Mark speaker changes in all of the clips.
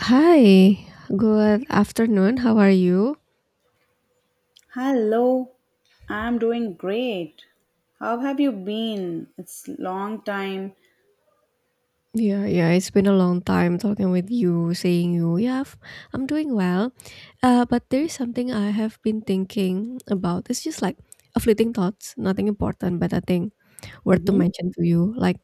Speaker 1: Hi, good afternoon. How are you?
Speaker 2: Hello, I'm doing great. How have you been? It's long time.
Speaker 1: Yeah, yeah, it's been a long time talking with you, saying you, yeah, I'm doing well. But there is something I have been thinking about. It's just like a fleeting thoughts, nothing important, but I think worth to
Speaker 2: Mhm.
Speaker 1: mention to you. Like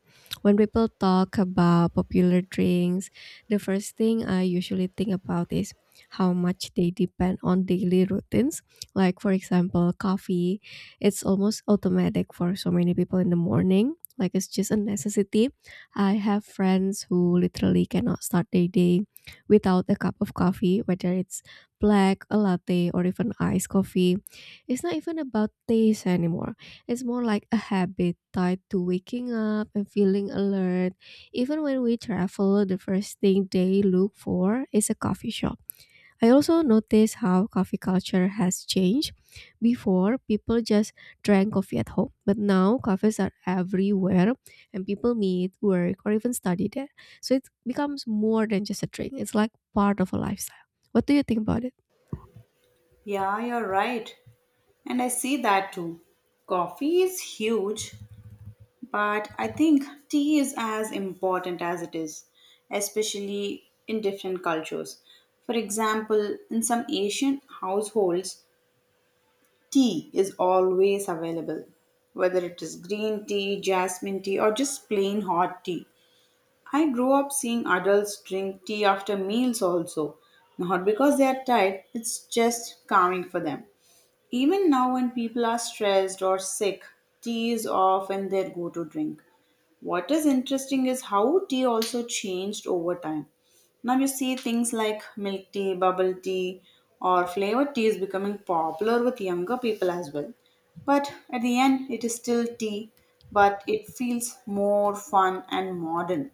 Speaker 1: when people talk about popular drinks, the first thing I usually think about is how much they depend on daily routines. Like for example, coffee, it's almost automatic for so many people in the morning. Like it's just a necessity. I have friends who literally cannot start their day without a cup of coffee, whether it's black, a latte, or even iced coffee. It's not even about taste anymore. It's more like a habit tied to waking up and feeling alert. Even when we travel, the first thing they look for is a coffee shop. I also noticed how coffee culture has changed. Before, people just drank coffee at home, but now cafes are everywhere and people meet, work, or even study there. So it becomes more than just a drink, it's like part of a lifestyle. What do you think about it?
Speaker 2: Yeah, you're right. And I see that too. Coffee is huge, but I think tea is as important as it is, especially in different cultures. For example, in some Asian households, tea is always available, whether it is green tea, jasmine tea, or just plain hot tea. I grew up seeing adults drink tea after meals also, not because they are tired, it's just calming for them. Even now, when people are stressed or sick, tea is often their go to drink. What is interesting is how tea also changed over time. Now, you see things like milk tea, bubble tea, or flavored tea is becoming popular with younger people as well. But at the end, it is still tea, but it feels more fun and modern.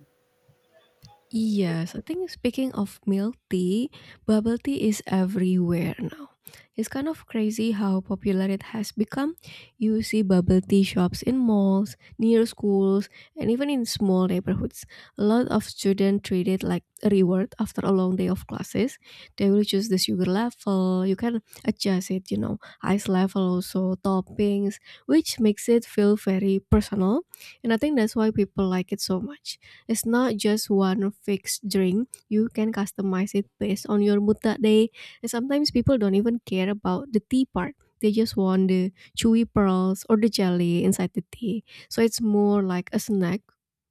Speaker 1: Yes, I think speaking of milk tea, bubble tea is everywhere now. It's kind of crazy how popular it has become. You see bubble tea shops in malls, near schools, and even in small neighborhoods. A lot of students treat it like a reward after a long day of classes. They will choose the sugar level, you can adjust it, you know, ice level also, toppings, which makes it feel very personal. And I think that's why people like it so much, it's not just one fixed drink. You can customize it based on your mood that day. And sometimes people don't even care about the tea part. They just want the chewy pearls or the jelly inside the tea. So it's more like a snack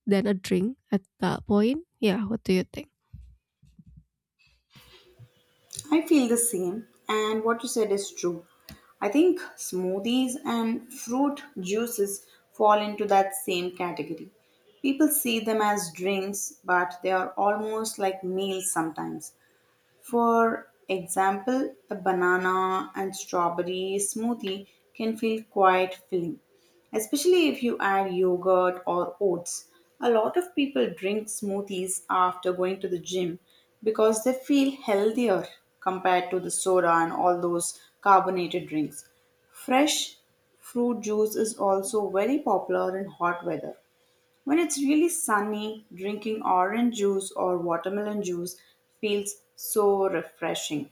Speaker 1: than a drink at that point. Yeah, what do you think?
Speaker 2: I feel the same, and what you said is true. I think smoothies and fruit juices fall into that same category. People see them as drinks, but they are almost like meals sometimes. For example, a banana and strawberry smoothie can feel quite filling, especially if you add yogurt or oats. A lot of people drink smoothies after going to the gym because they feel healthier compared to the soda and all those carbonated drinks. Fresh fruit juice is also very popular in hot weather when it's really sunny, drinking orange juice or watermelon juice feels so refreshing.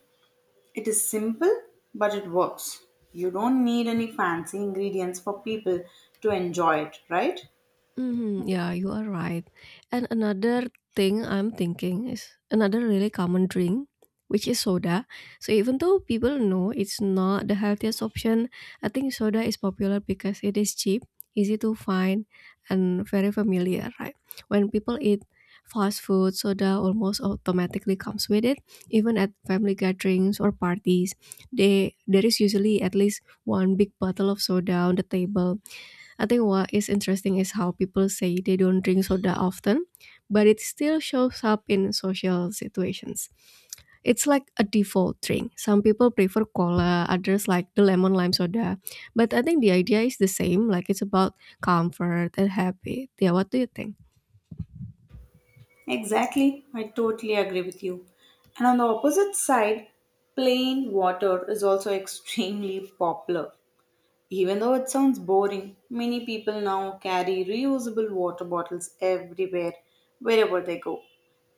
Speaker 2: It is simple, but it works. You don't need any fancy ingredients for people to enjoy it, right?
Speaker 1: Mhm, yeah, you are right. And another thing I'm thinking is another really common drink, which is soda. So even though people know it's not the healthiest option, I think soda is popular because it is cheap, easy to find, and very familiar, right? When people eat fast food, soda almost automatically comes with it. Even at family gatherings or parties, they there is usually at least one big bottle of soda on the table. I think what is interesting is how people say they don't drink soda often, but it still shows up in social situations. It's like a default drink. Some people prefer cola, others like the lemon lime soda. But I think the idea is the same, like it's about comfort and habit. Yeah, what do you think?
Speaker 2: Exactly, I totally agree with you. And on the opposite side, plain water is also extremely popular. Even though it sounds boring, many people now carry reusable water bottles everywhere, wherever they go.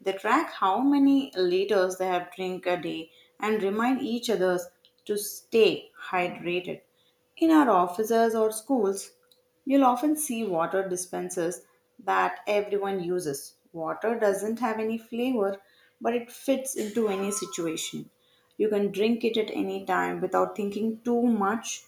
Speaker 2: They track how many liters they have drink a day and remind each others to stay hydrated. In our offices or schools, you'll often see water dispensers that everyone uses. Water doesn't have any flavor, but it fits into any situation. You can drink it at any time without thinking too much.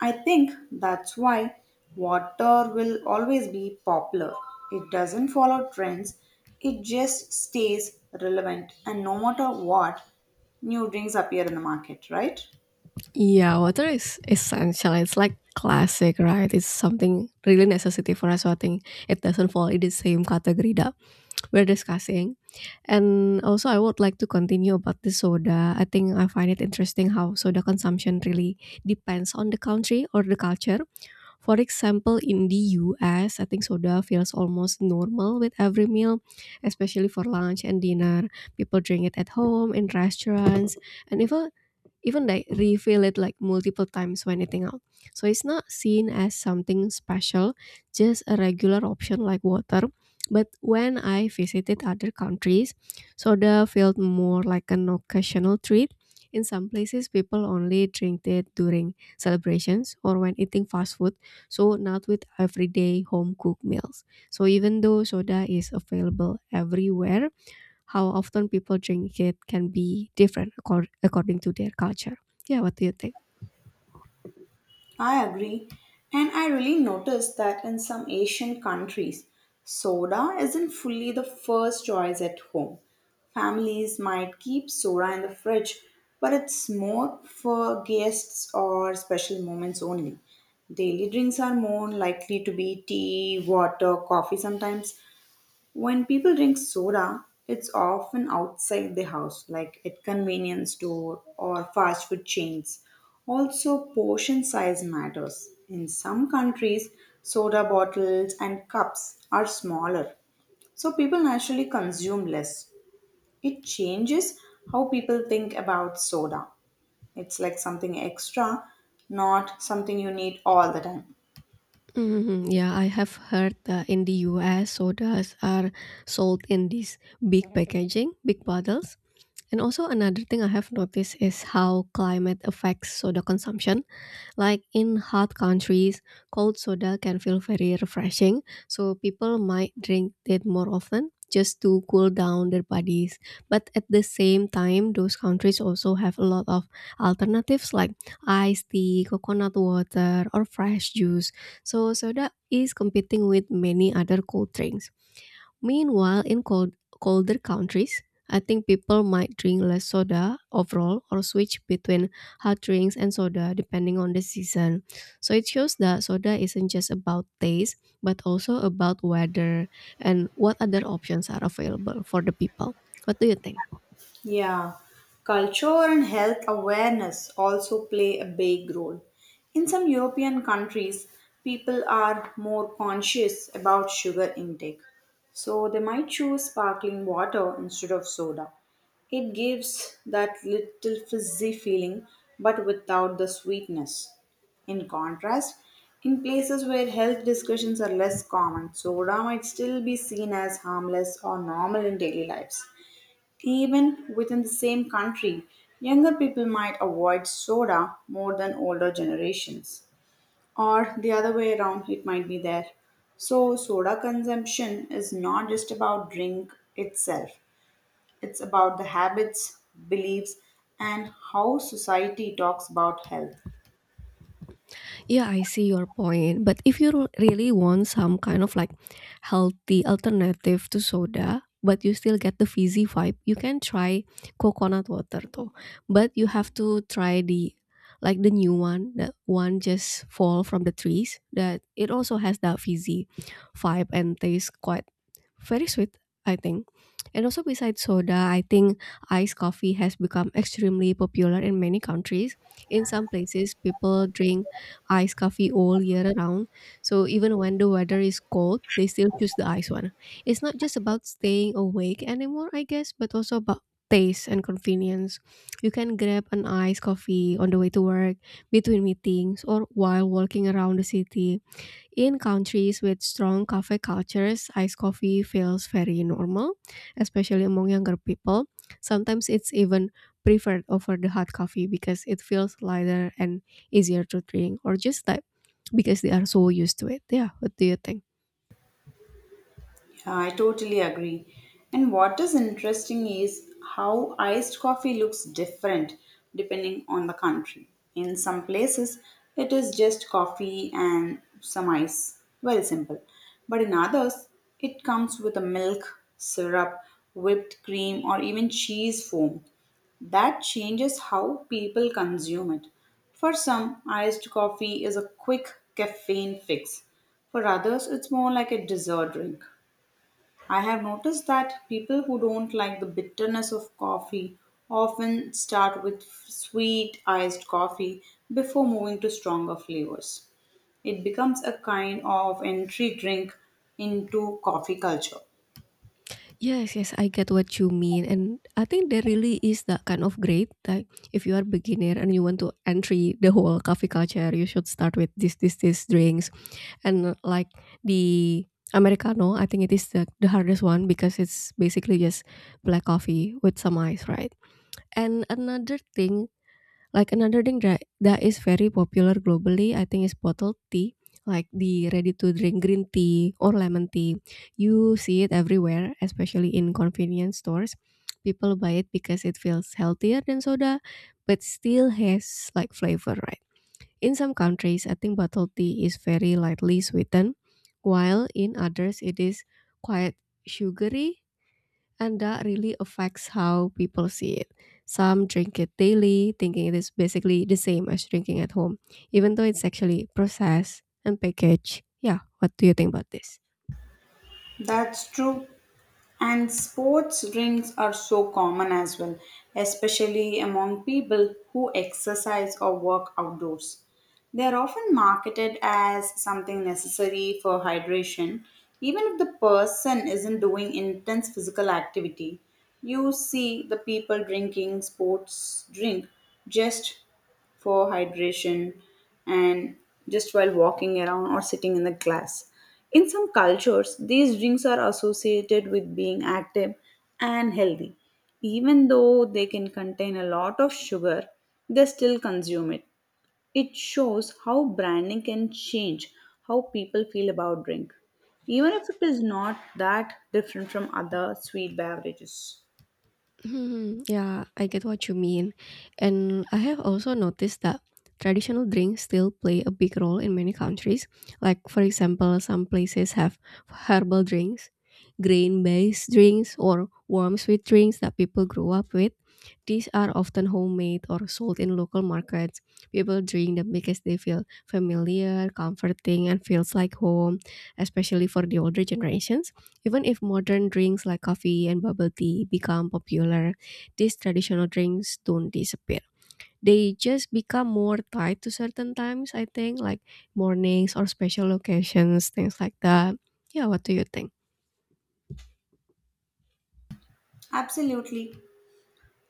Speaker 2: I think that's why water will always be popular. It doesn't follow trends, it just stays relevant, and no matter what, new drinks appear in the market, right?
Speaker 1: Yeah, water is essential. It's like classic, right? It's something really necessity for us. So I think it doesn't fall in the same category that we're discussing. And also, I would like to continue about the soda. I think I find it interesting how soda consumption really depends on the country or the culture. For example, in the US, I think soda feels almost normal with every meal, especially for lunch and dinner. People drink it at home, in restaurants, and even like refill it like multiple times when eating out. So it's not seen as something special, just a regular option like water. But when I visited other countries, soda felt more like an occasional treat. In some places, people only drink it during celebrations or when eating fast food, so not with everyday home cooked meals. So even though soda is available everywhere, how often people drink it can be different according to their culture. Yeah, what do you think?
Speaker 2: I agree. And I really noticed that in some Asian countries, soda isn't fully the first choice at home. Families might keep soda in the fridge, but it's more for guests or special moments only. Daily drinks are more likely to be tea, water, coffee sometimes. When people drink soda, it's often outside the house, like at convenience store or fast food chains. Also, portion size matters. In some countries, soda bottles and cups are smaller, so people naturally consume less. It changes how people think about soda. It's like something extra, not something you need all the time.
Speaker 1: Mhm, yeah, I have heard that in the US, sodas are sold in these big packaging, big bottles. And also, another thing I have noticed is how climate affects soda consumption. Like in hot countries, cold soda can feel very refreshing, so people might drink it more often just to cool down their bodies. But at the same time, those countries also have a lot of alternatives like iced tea, coconut water, or fresh juice. So soda is competing with many other cold drinks. Meanwhile, in colder countries, I think people might drink less soda overall or switch between hard drinks and soda depending on the season. So it shows that soda isn't just about taste, but also about weather and what other options are available for the people. What do you think?
Speaker 2: Yeah, culture and health awareness also play a big role. In some European countries, people are more conscious about sugar intake, so they might choose sparkling water instead of soda. It gives that little fizzy feeling but without the sweetness. In contrast, in places where health discussions are less common, soda might still be seen as harmless or normal in daily lives. Even within the same country, younger people might avoid soda more than older generations. Or the other way around, it might be there. So, soda consumption is not just about drink itself, it's about the habits, beliefs, and how society talks about health.
Speaker 1: Yeah, I see your point. But if you really want some kind of like healthy alternative to soda, but you still get the fizzy vibe, you can try coconut water though. But you have to try the like the new one, the one just fall from the trees that it also has that fizzy vibe and tastes quite very sweet, I think. And also, besides soda, I think iced coffee has become extremely popular in many countries. In some places, people drink iced coffee all year round. So, even when the weather is cold, they still choose the iced one. It's not just about staying awake anymore, I guess, but also about taste and convenience. You can grab an iced coffee on the way to work, between meetings, or while walking around the city. In countries with strong cafe cultures, iced coffee feels very normal, especially among younger people. Sometimes it's even preferred over the hot coffee because it feels lighter and easier to drink, or just like because they are so used to it. Yeah, what do you think?
Speaker 2: I totally agree. And what is interesting is how iced coffee looks different depending on the country. In some places, it is just coffee and some ice, very simple. But in others, it comes with a milk, syrup, whipped cream, or even cheese foam. That changes how people consume it. For some, iced coffee is a quick caffeine fix. For others, it's more like a dessert drink. I have noticed that people who don't like the bitterness of coffee often start with sweet iced coffee before moving to stronger flavors. It becomes a kind of entry drink into coffee culture.
Speaker 1: Yes, yes, I get what you mean, and I think there really is that kind of grade. Like, if you are beginner and you want to entry the whole coffee culture, you should start with this drinks, and like the americano, I think it is the hardest one because it's basically just black coffee with some ice, right? And another thing that is very popular globally, I think, is bottled tea, like the ready to drink green tea or lemon tea. You see it everywhere, especially in convenience stores. People buy it because it feels healthier than soda, but still has like flavor, right? In some countries, I think bottled tea is very lightly sweetened, while in others it is quite sugary, and that really affects how people see it. Some drink it daily, thinking it is basically the same as drinking at home, even though it's actually processed and packaged. Yeah, what do you think about this?
Speaker 2: That's true. And sports drinks are so common as well, especially among people who exercise or work outdoors. They are often marketed as something necessary for hydration, even if the person isn't doing intense physical activity. You see the people drinking sports drink just for hydration and just while walking around or sitting in the class. In some cultures, these drinks are associated with being active and healthy. Even though they can contain a lot of sugar, they still consume it. It shows how branding can change how people feel about drink, even if it is not that different from other sweet beverages.
Speaker 1: Mhm, yeah, I get what you mean. And I have also noticed that traditional drinks still play a big role in many countries. Like, for example, some places have herbal drinks, grain based drinks, or warm sweet drinks that people grew up with. These are often homemade or sold in local markets. People drink them because they feel familiar, comforting, and feels like home, especially for the older generations. Even if modern drinks like coffee and bubble tea become popular, these traditional drinks don't disappear. They just become more tied to certain times, I think, like mornings or special occasions, things like that. Yeah, what do you think?
Speaker 2: Absolutely.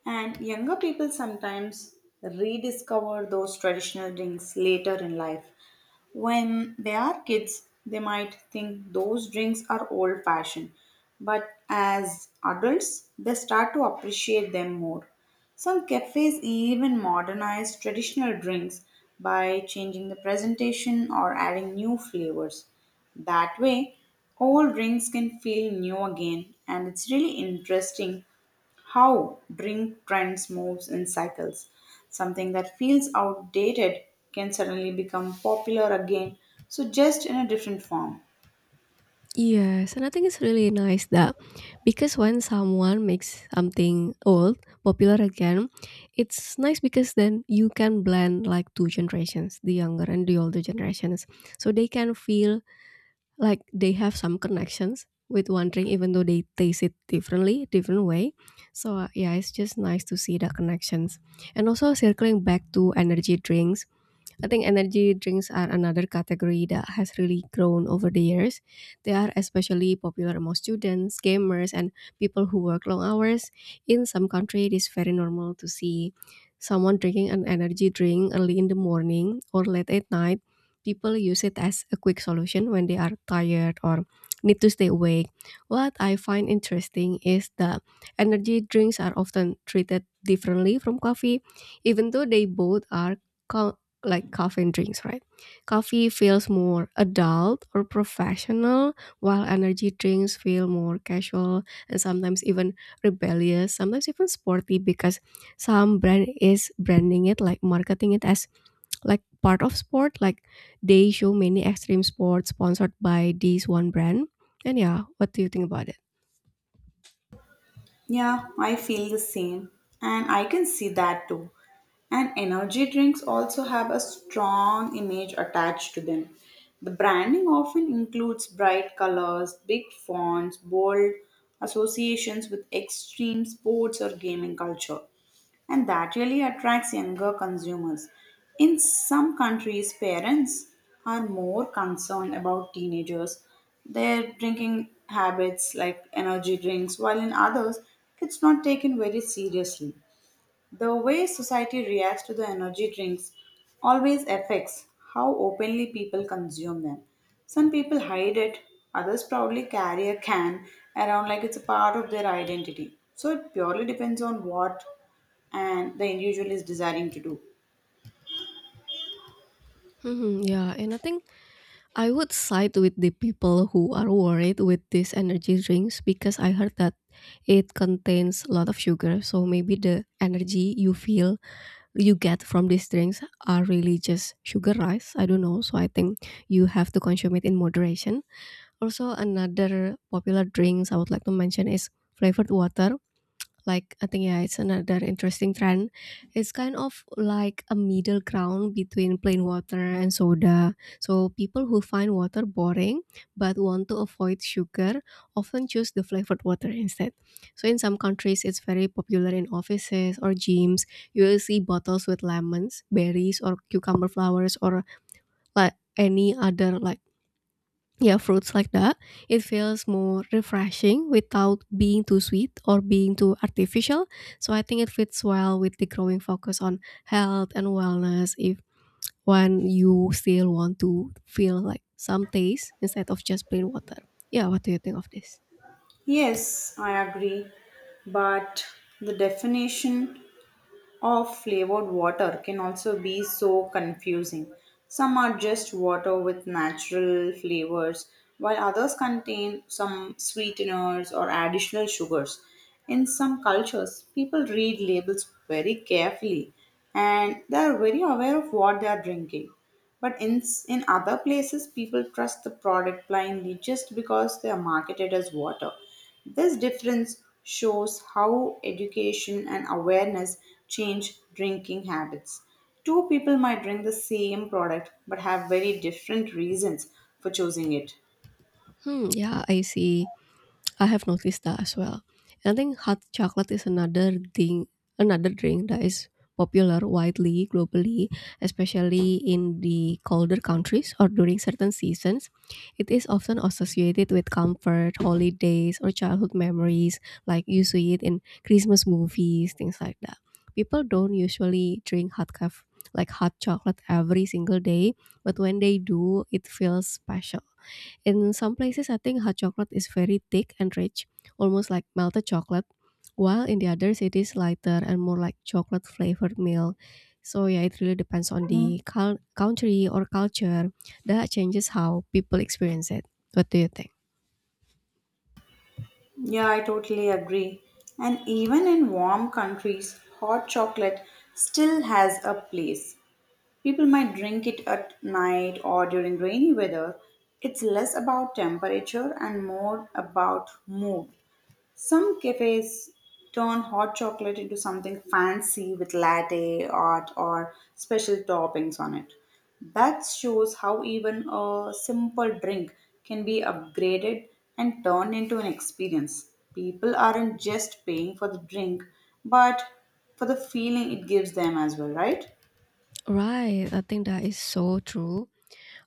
Speaker 2: And younger people sometimes rediscover those traditional drinks later in life. When they are kids, they might think those drinks are old fashioned, but as adults, they start to appreciate them more. Some cafes even modernize traditional drinks by changing the presentation or adding new flavors. That way, old drinks can feel new again, and it's really interesting how drink trends moves in cycles. Something that feels outdated can suddenly become popular again, so just in a different form.
Speaker 1: Yes, and I think it's really nice that because when someone makes something old popular again, it's nice because then you can blend like two generations, the younger and the older generations. So they can feel like they have some connections with one drink even though they taste it different way. So yeah, it's just nice to see the connections. And also circling back to energy drinks, I think energy drinks are another category that has really grown over the years. They are especially popular among students, gamers, and people who work long hours. In some countries, it is very normal to see someone drinking an energy drink early in the morning or late at night. People use it as a quick solution when they are tired or need to stay awake. What I find interesting is that energy drinks are often treated differently from coffee, even though they both are like coffee and drinks, right? Coffee feels more adult or professional, while energy drinks feel more casual and sometimes even rebellious, sometimes even sporty because some brand is branding it like marketing it as like part of sport. Like they show many extreme sports sponsored by this one brand. And yeah, what do you think about it?
Speaker 2: Yeah, I feel the same, and I can see that too. And energy drinks also have a strong image attached to them. The branding often includes bright colors, big fonts, bold associations with extreme sports or gaming culture, and that really attracts younger consumers. In some countries, parents are more concerned about teenagers, their drinking habits like energy drinks, while in others, it's not taken very seriously. The way society reacts to the energy drinks always affects how openly people consume them. Some people hide it, others proudly carry a can around like it's a part of their identity. So it purely depends on what and the individual is desiring to do.
Speaker 1: Yeah, and I think I would side with the people who are worried with these energy drinks because I heard that it contains a lot of sugar. So maybe the energy you feel you get from these drinks are really just sugarized. I don't know. So I think you have to consume it in moderation. Also, another popular drinks I would like to mention is flavored water, like I think yeah, it's another interesting trend. It's kind of like a middle ground between plain water and soda. So people who find water boring but want to avoid sugar often choose the flavored water instead. So in some countries, it's very popular in offices or gyms. You will see bottles with lemons, berries, or cucumber flowers, or like any other like yeah, fruits like that. It feels more refreshing without being too sweet or being too artificial, so I think it fits well with the growing focus on health and wellness if when you still want to feel like some taste instead of just plain water. Yeah, what do you think of this?
Speaker 2: Yes, I agree, but the definition of flavored water can also be so confusing. Some are just water with natural flavors, while others contain some sweeteners or additional sugars. In some cultures, people read labels very carefully and they are very aware of what they are drinking. But in other places, people trust the product blindly just because they are marketed as water. This difference shows how education and awareness change drinking habits. Two people might drink the same product but have very different reasons for choosing it.
Speaker 1: Yeah, I see. I have noticed that as well. And I think hot chocolate is another thing, another drink that is popular widely globally, especially in the colder countries or during certain seasons. It is often associated with comfort, holidays, or childhood memories, like you see it in Christmas movies, things like that. People don't usually drink hot coffee like hot chocolate every single day, but when they do, it feels special. In some places, I think hot chocolate is very thick and rich, almost like melted chocolate, while in the others, it is lighter and more like chocolate flavored milk. So, yeah, it really depends on the country or culture that changes how people experience it. What do you think?
Speaker 2: Yeah, I totally agree. And even in warm countries, hot chocolate still has a place. People might drink it at night or during rainy weather. It's less about temperature and more about mood. Some cafes turn hot chocolate into something fancy with latte art or special toppings on it. That shows how even a simple drink can be upgraded and turned into an experience. People aren't just paying for the drink, but for the feeling it gives them as well, right?
Speaker 1: Right, I think that is so true.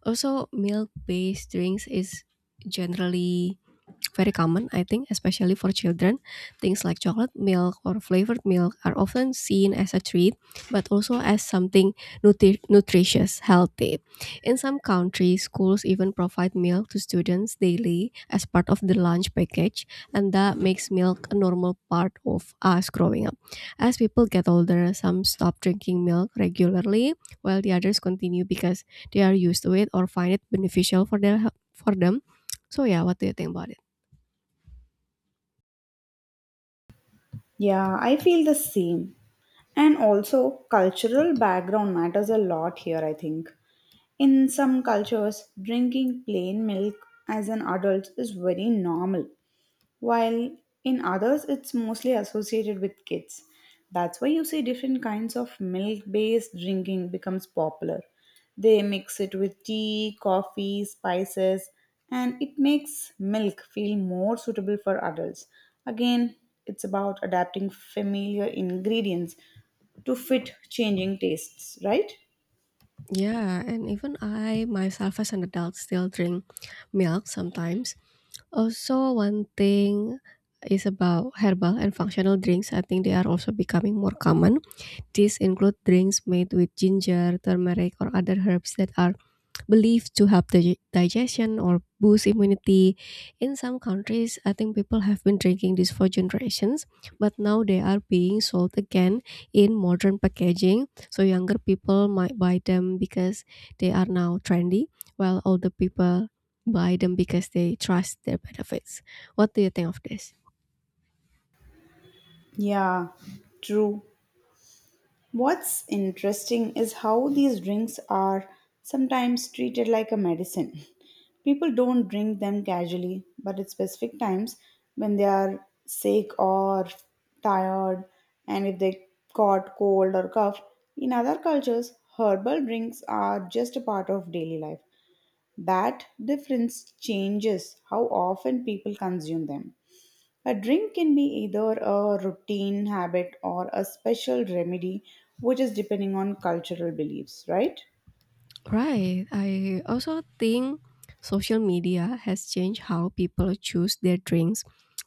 Speaker 1: Also, milk-based drinks is generally very common, I think, especially for children. Things like chocolate milk or flavored milk are often seen as a treat, but also as something nutritious, healthy. In some countries, schools even provide milk to students daily as part of the lunch package, and that makes milk a normal part of us growing up. As people get older, some stop drinking milk regularly, while the others continue because they are used to it or find it beneficial for their for them. So yeah, what do you think about it?
Speaker 2: Yeah, I feel the same. And also, cultural background matters a lot here, I think. In some cultures, drinking plain milk as an adult is very normal, while in others it's mostly associated with kids. That's why you see different kinds of milk based drinking becomes popular. They mix it with tea, coffee, spices, and it makes milk feel more suitable for adults. Again, it's about adapting familiar ingredients to fit changing tastes, right?
Speaker 1: Yeah, and even I myself as an adult still drink milk sometimes. Also, one thing is about herbal and functional drinks. I think they are also becoming more common. These include drinks made with ginger, turmeric, or other herbs that are believed to help digestion or boost immunity. In some countries, I think people have been drinking this for generations, but now they are being sold again in modern packaging. So younger people might buy them because they are now trendy, while older people buy them because they trust their benefits. What do you think of this?
Speaker 2: Yeah, true. What's interesting is how these drinks are sometimes treated like a medicine. People don't drink them casually, but at specific times when they are sick or tired, and if they caught cold or cough. In other cultures, herbal drinks are just a part of daily life. That difference changes how often people consume them. A drink can be either a routine habit or a special remedy, which is depending on cultural beliefs, right?
Speaker 1: Right. I also think social media has changed how people choose their drinks.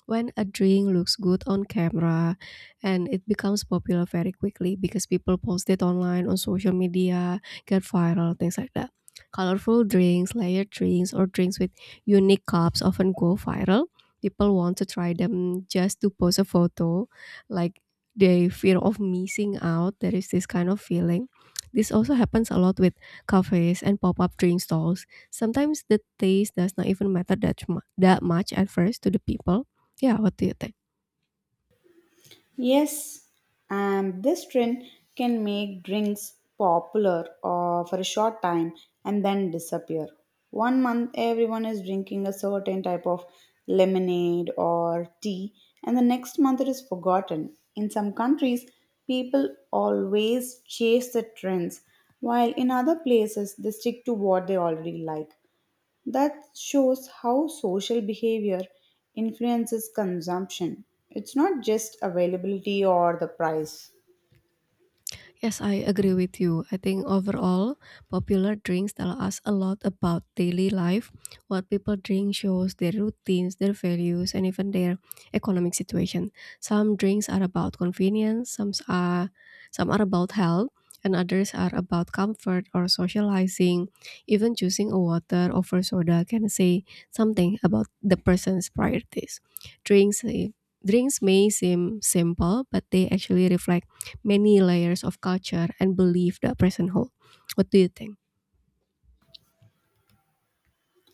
Speaker 1: When a drink looks good on camera and it becomes popular very quickly because people post it online on social media, get viral, things like that. Colorful drinks, layered drinks, or drinks with unique cups often go viral. People want to try them just to post a photo, like they fear of missing out. There is this kind of feeling. This also happens a lot with cafes, and pop-up drink stalls. Sometimes the taste does not even matter that much at first to the people. Yeah, what do you think?
Speaker 2: Yes, and this trend can make drinks popular for a short time and then disappear. One month, everyone is drinking a certain type of lemonade or tea, and the next month, it is forgotten. In some countries, people always chase the trends, while in other places, they stick to what they already like. That shows how social behavior influences consumption. It's not just availability or the price.
Speaker 1: Yes, I agree with you. I think overall, popular drinks tell us a lot about daily life. What people drink shows their routines, their values, and even their economic situation. Some drinks are about convenience, some are about health, and others are about comfort or socializing. Even choosing a water over soda can say something about the person's priorities. Drinks eh, Drinks may seem simple, but they actually reflect many layers of culture and belief that person hold. What do you think?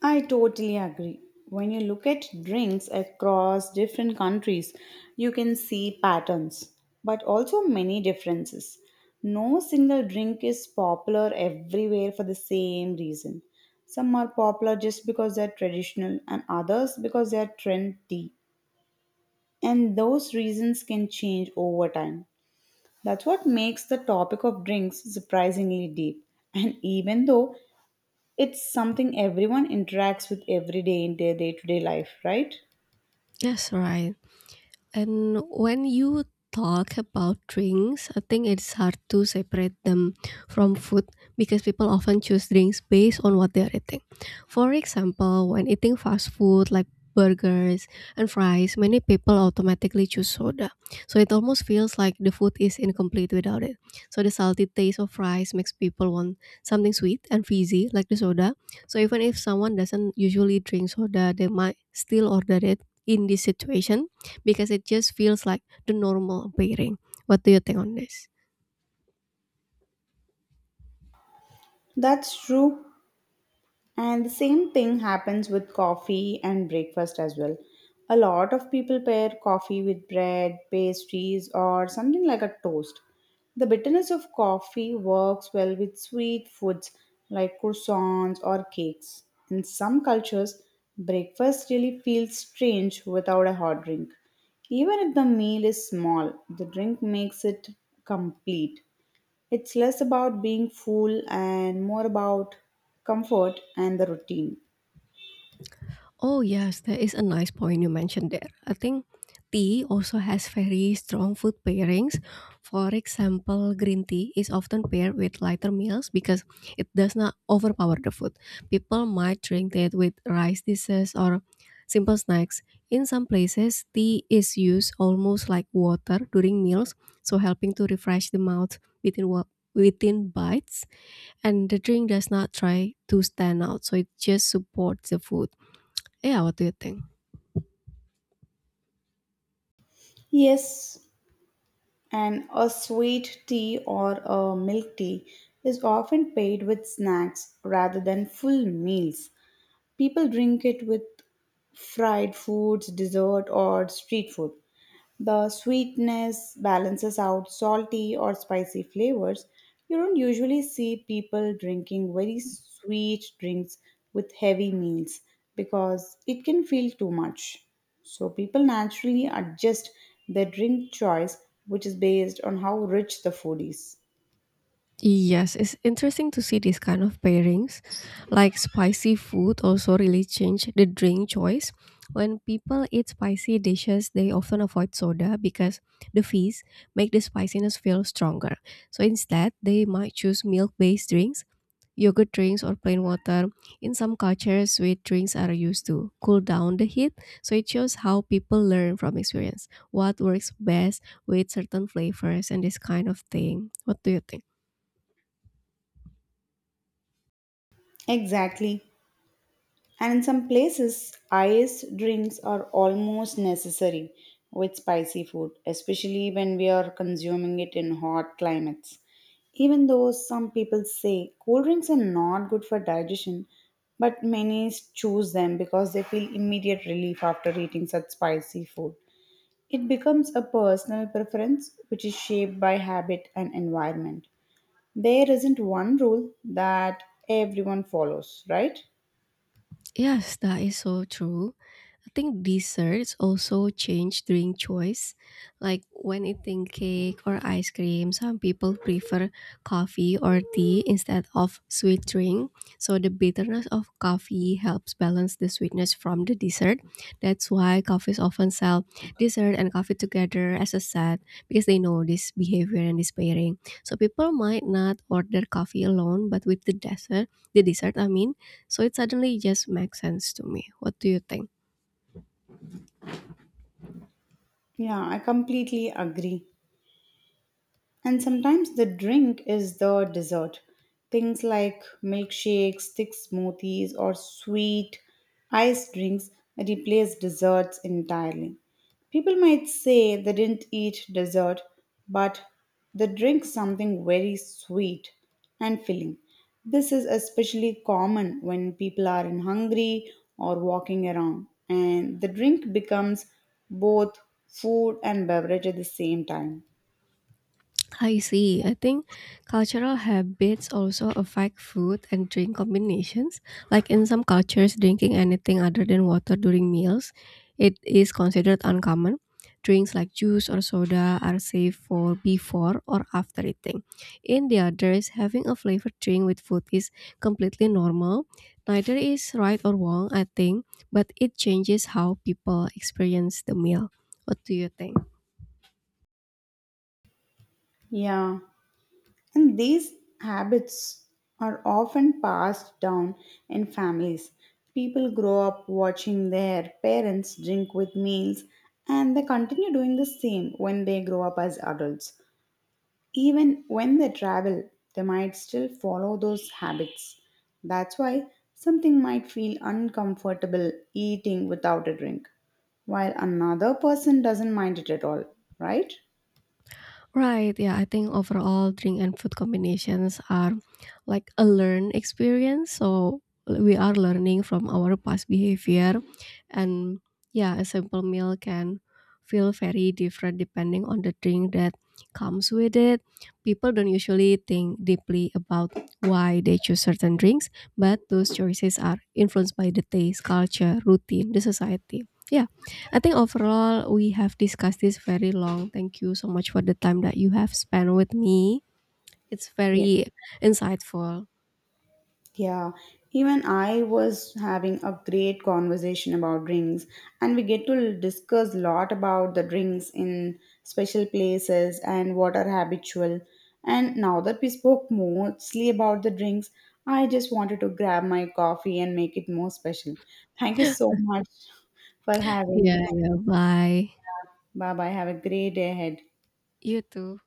Speaker 2: I totally agree. When you look at drinks across different countries, you can see patterns, but also many differences. No single drink is popular everywhere for the same reason. Some are popular just because they're traditional, and others because they're trendy. And those reasons can change over time. That's what makes the topic of drinks surprisingly deep. And even though it's something everyone interacts with every day in their day to day life, right?
Speaker 1: Yes, right. And when you talk about drinks, I think it's hard to separate them from food because people often choose drinks based on what they're eating. For example, when eating fast food like burgers and fries, many people automatically choose soda. So it almost feels like the food is incomplete without it. So the salty taste of fries makes people want something sweet and fizzy like the soda. So even if someone doesn't usually drink soda, they might still order it in this situation because it just feels like the normal pairing. What do you think on this?
Speaker 2: That's true. And the same thing happens with coffee and breakfast as well. A lot of people pair coffee with bread, pastries, or something like a toast. The bitterness of coffee works well with sweet foods like croissants or cakes. In some cultures, breakfast really feels strange without a hot drink. Even if the meal is small, the drink makes it complete. It's less about being full and more about comfort and the routine.
Speaker 1: Oh, yes, that is a nice point you mentioned there. I think tea also has very strong food pairings. For example, green tea is often paired with lighter meals because it does not overpower the food. People might drink it with rice dishes or simple snacks. In some places, tea is used almost like water during meals, so helping to refresh the mouth within bites. And the drink does not try to stand out, so it just supports the food. Yeah, what do you think?
Speaker 2: Yes, and a sweet tea or a milk tea is often paired with snacks rather than full meals. People drink it with fried foods, dessert, or street food. The sweetness balances out salty or spicy flavors. You don't usually see people drinking very sweet drinks with heavy meals because it can feel too much. So people naturally adjust their drink choice, which is based on how rich the food is.
Speaker 1: Yes, it's interesting to see these kind of pairings. Like spicy food also really change the drink choice. When people eat spicy dishes, they often avoid soda because the fizz make the spiciness feel stronger. So instead, they might choose milk-based drinks, yogurt drinks, or plain water. In some cultures, sweet drinks are used to cool down the heat. So it shows how people learn from experience, what works best with certain flavors and this kind of thing. What do you think?
Speaker 2: Exactly. And in some places, iced drinks are almost necessary with spicy food, especially when we are consuming it in hot climates. Even though some people say cool drinks are not good for digestion, but many choose them because they feel immediate relief after eating such spicy food. It becomes a personal preference which is shaped by habit and environment. There isn't one rule that everyone follows, right?
Speaker 1: Yes, that is so true. I think desserts also change during choice. Like when eating cake or ice cream, some people prefer coffee or tea instead of sweet drink. So the bitterness of coffee helps balance the sweetness from the dessert. That's why coffees often sell dessert and coffee together as a set because they know this behavior and this pairing. So people might not order coffee alone, but with the dessert I mean, so it suddenly just makes sense to me. What do you think?
Speaker 2: Yeah, I completely agree. And sometimes the drink is the dessert. Things like milkshakes, thick smoothies, or sweet iced drinks replace desserts entirely. People might say they didn't eat dessert, but they drink something very sweet and filling. This is especially common when people are in hungry or walking around, and the drink becomes both food and beverage at the same time.
Speaker 1: I see. I think cultural habits also affect food and drink combinations. Like in some cultures, drinking anything other than water during meals, it is considered uncommon. Drinks like juice or soda are safe for before or after eating. In the others, having a flavored drink with food is completely normal. Neither is right or wrong, I think, but it changes how people experience the meal. What do you think?
Speaker 2: Yeah. And these habits are often passed down in families. People grow up watching their parents drink with meals and they continue doing the same when they grow up as adults. Even when they travel, they might still follow those habits. That's why something might feel uncomfortable eating without a drink, while another person doesn't mind it at all, right?
Speaker 1: Right. Yeah. I think overall, drink and food combinations are like a learned experience. So we are learning from our past behavior, and yeah, a simple meal can feel very different depending on the drink that comes with it. People don't usually think deeply about why they choose certain drinks, but those choices are influenced by the taste, culture, routine, the society. Yeah. I think overall we have discussed this very long. Thank you so much for the time that you have spent with me. It's
Speaker 2: Yes.
Speaker 1: very insightful.
Speaker 2: Yeah, even I was having a great conversation about drinks, and we get to discuss a lot about the drinks in special places and what are habitual. And now that we spoke mostly about the drinks, I just wanted to grab my coffee and make it more special. Thank you so much for having.
Speaker 1: Yeah, yeah. Bye.
Speaker 2: Bye bye. Have a great day ahead.
Speaker 1: You too.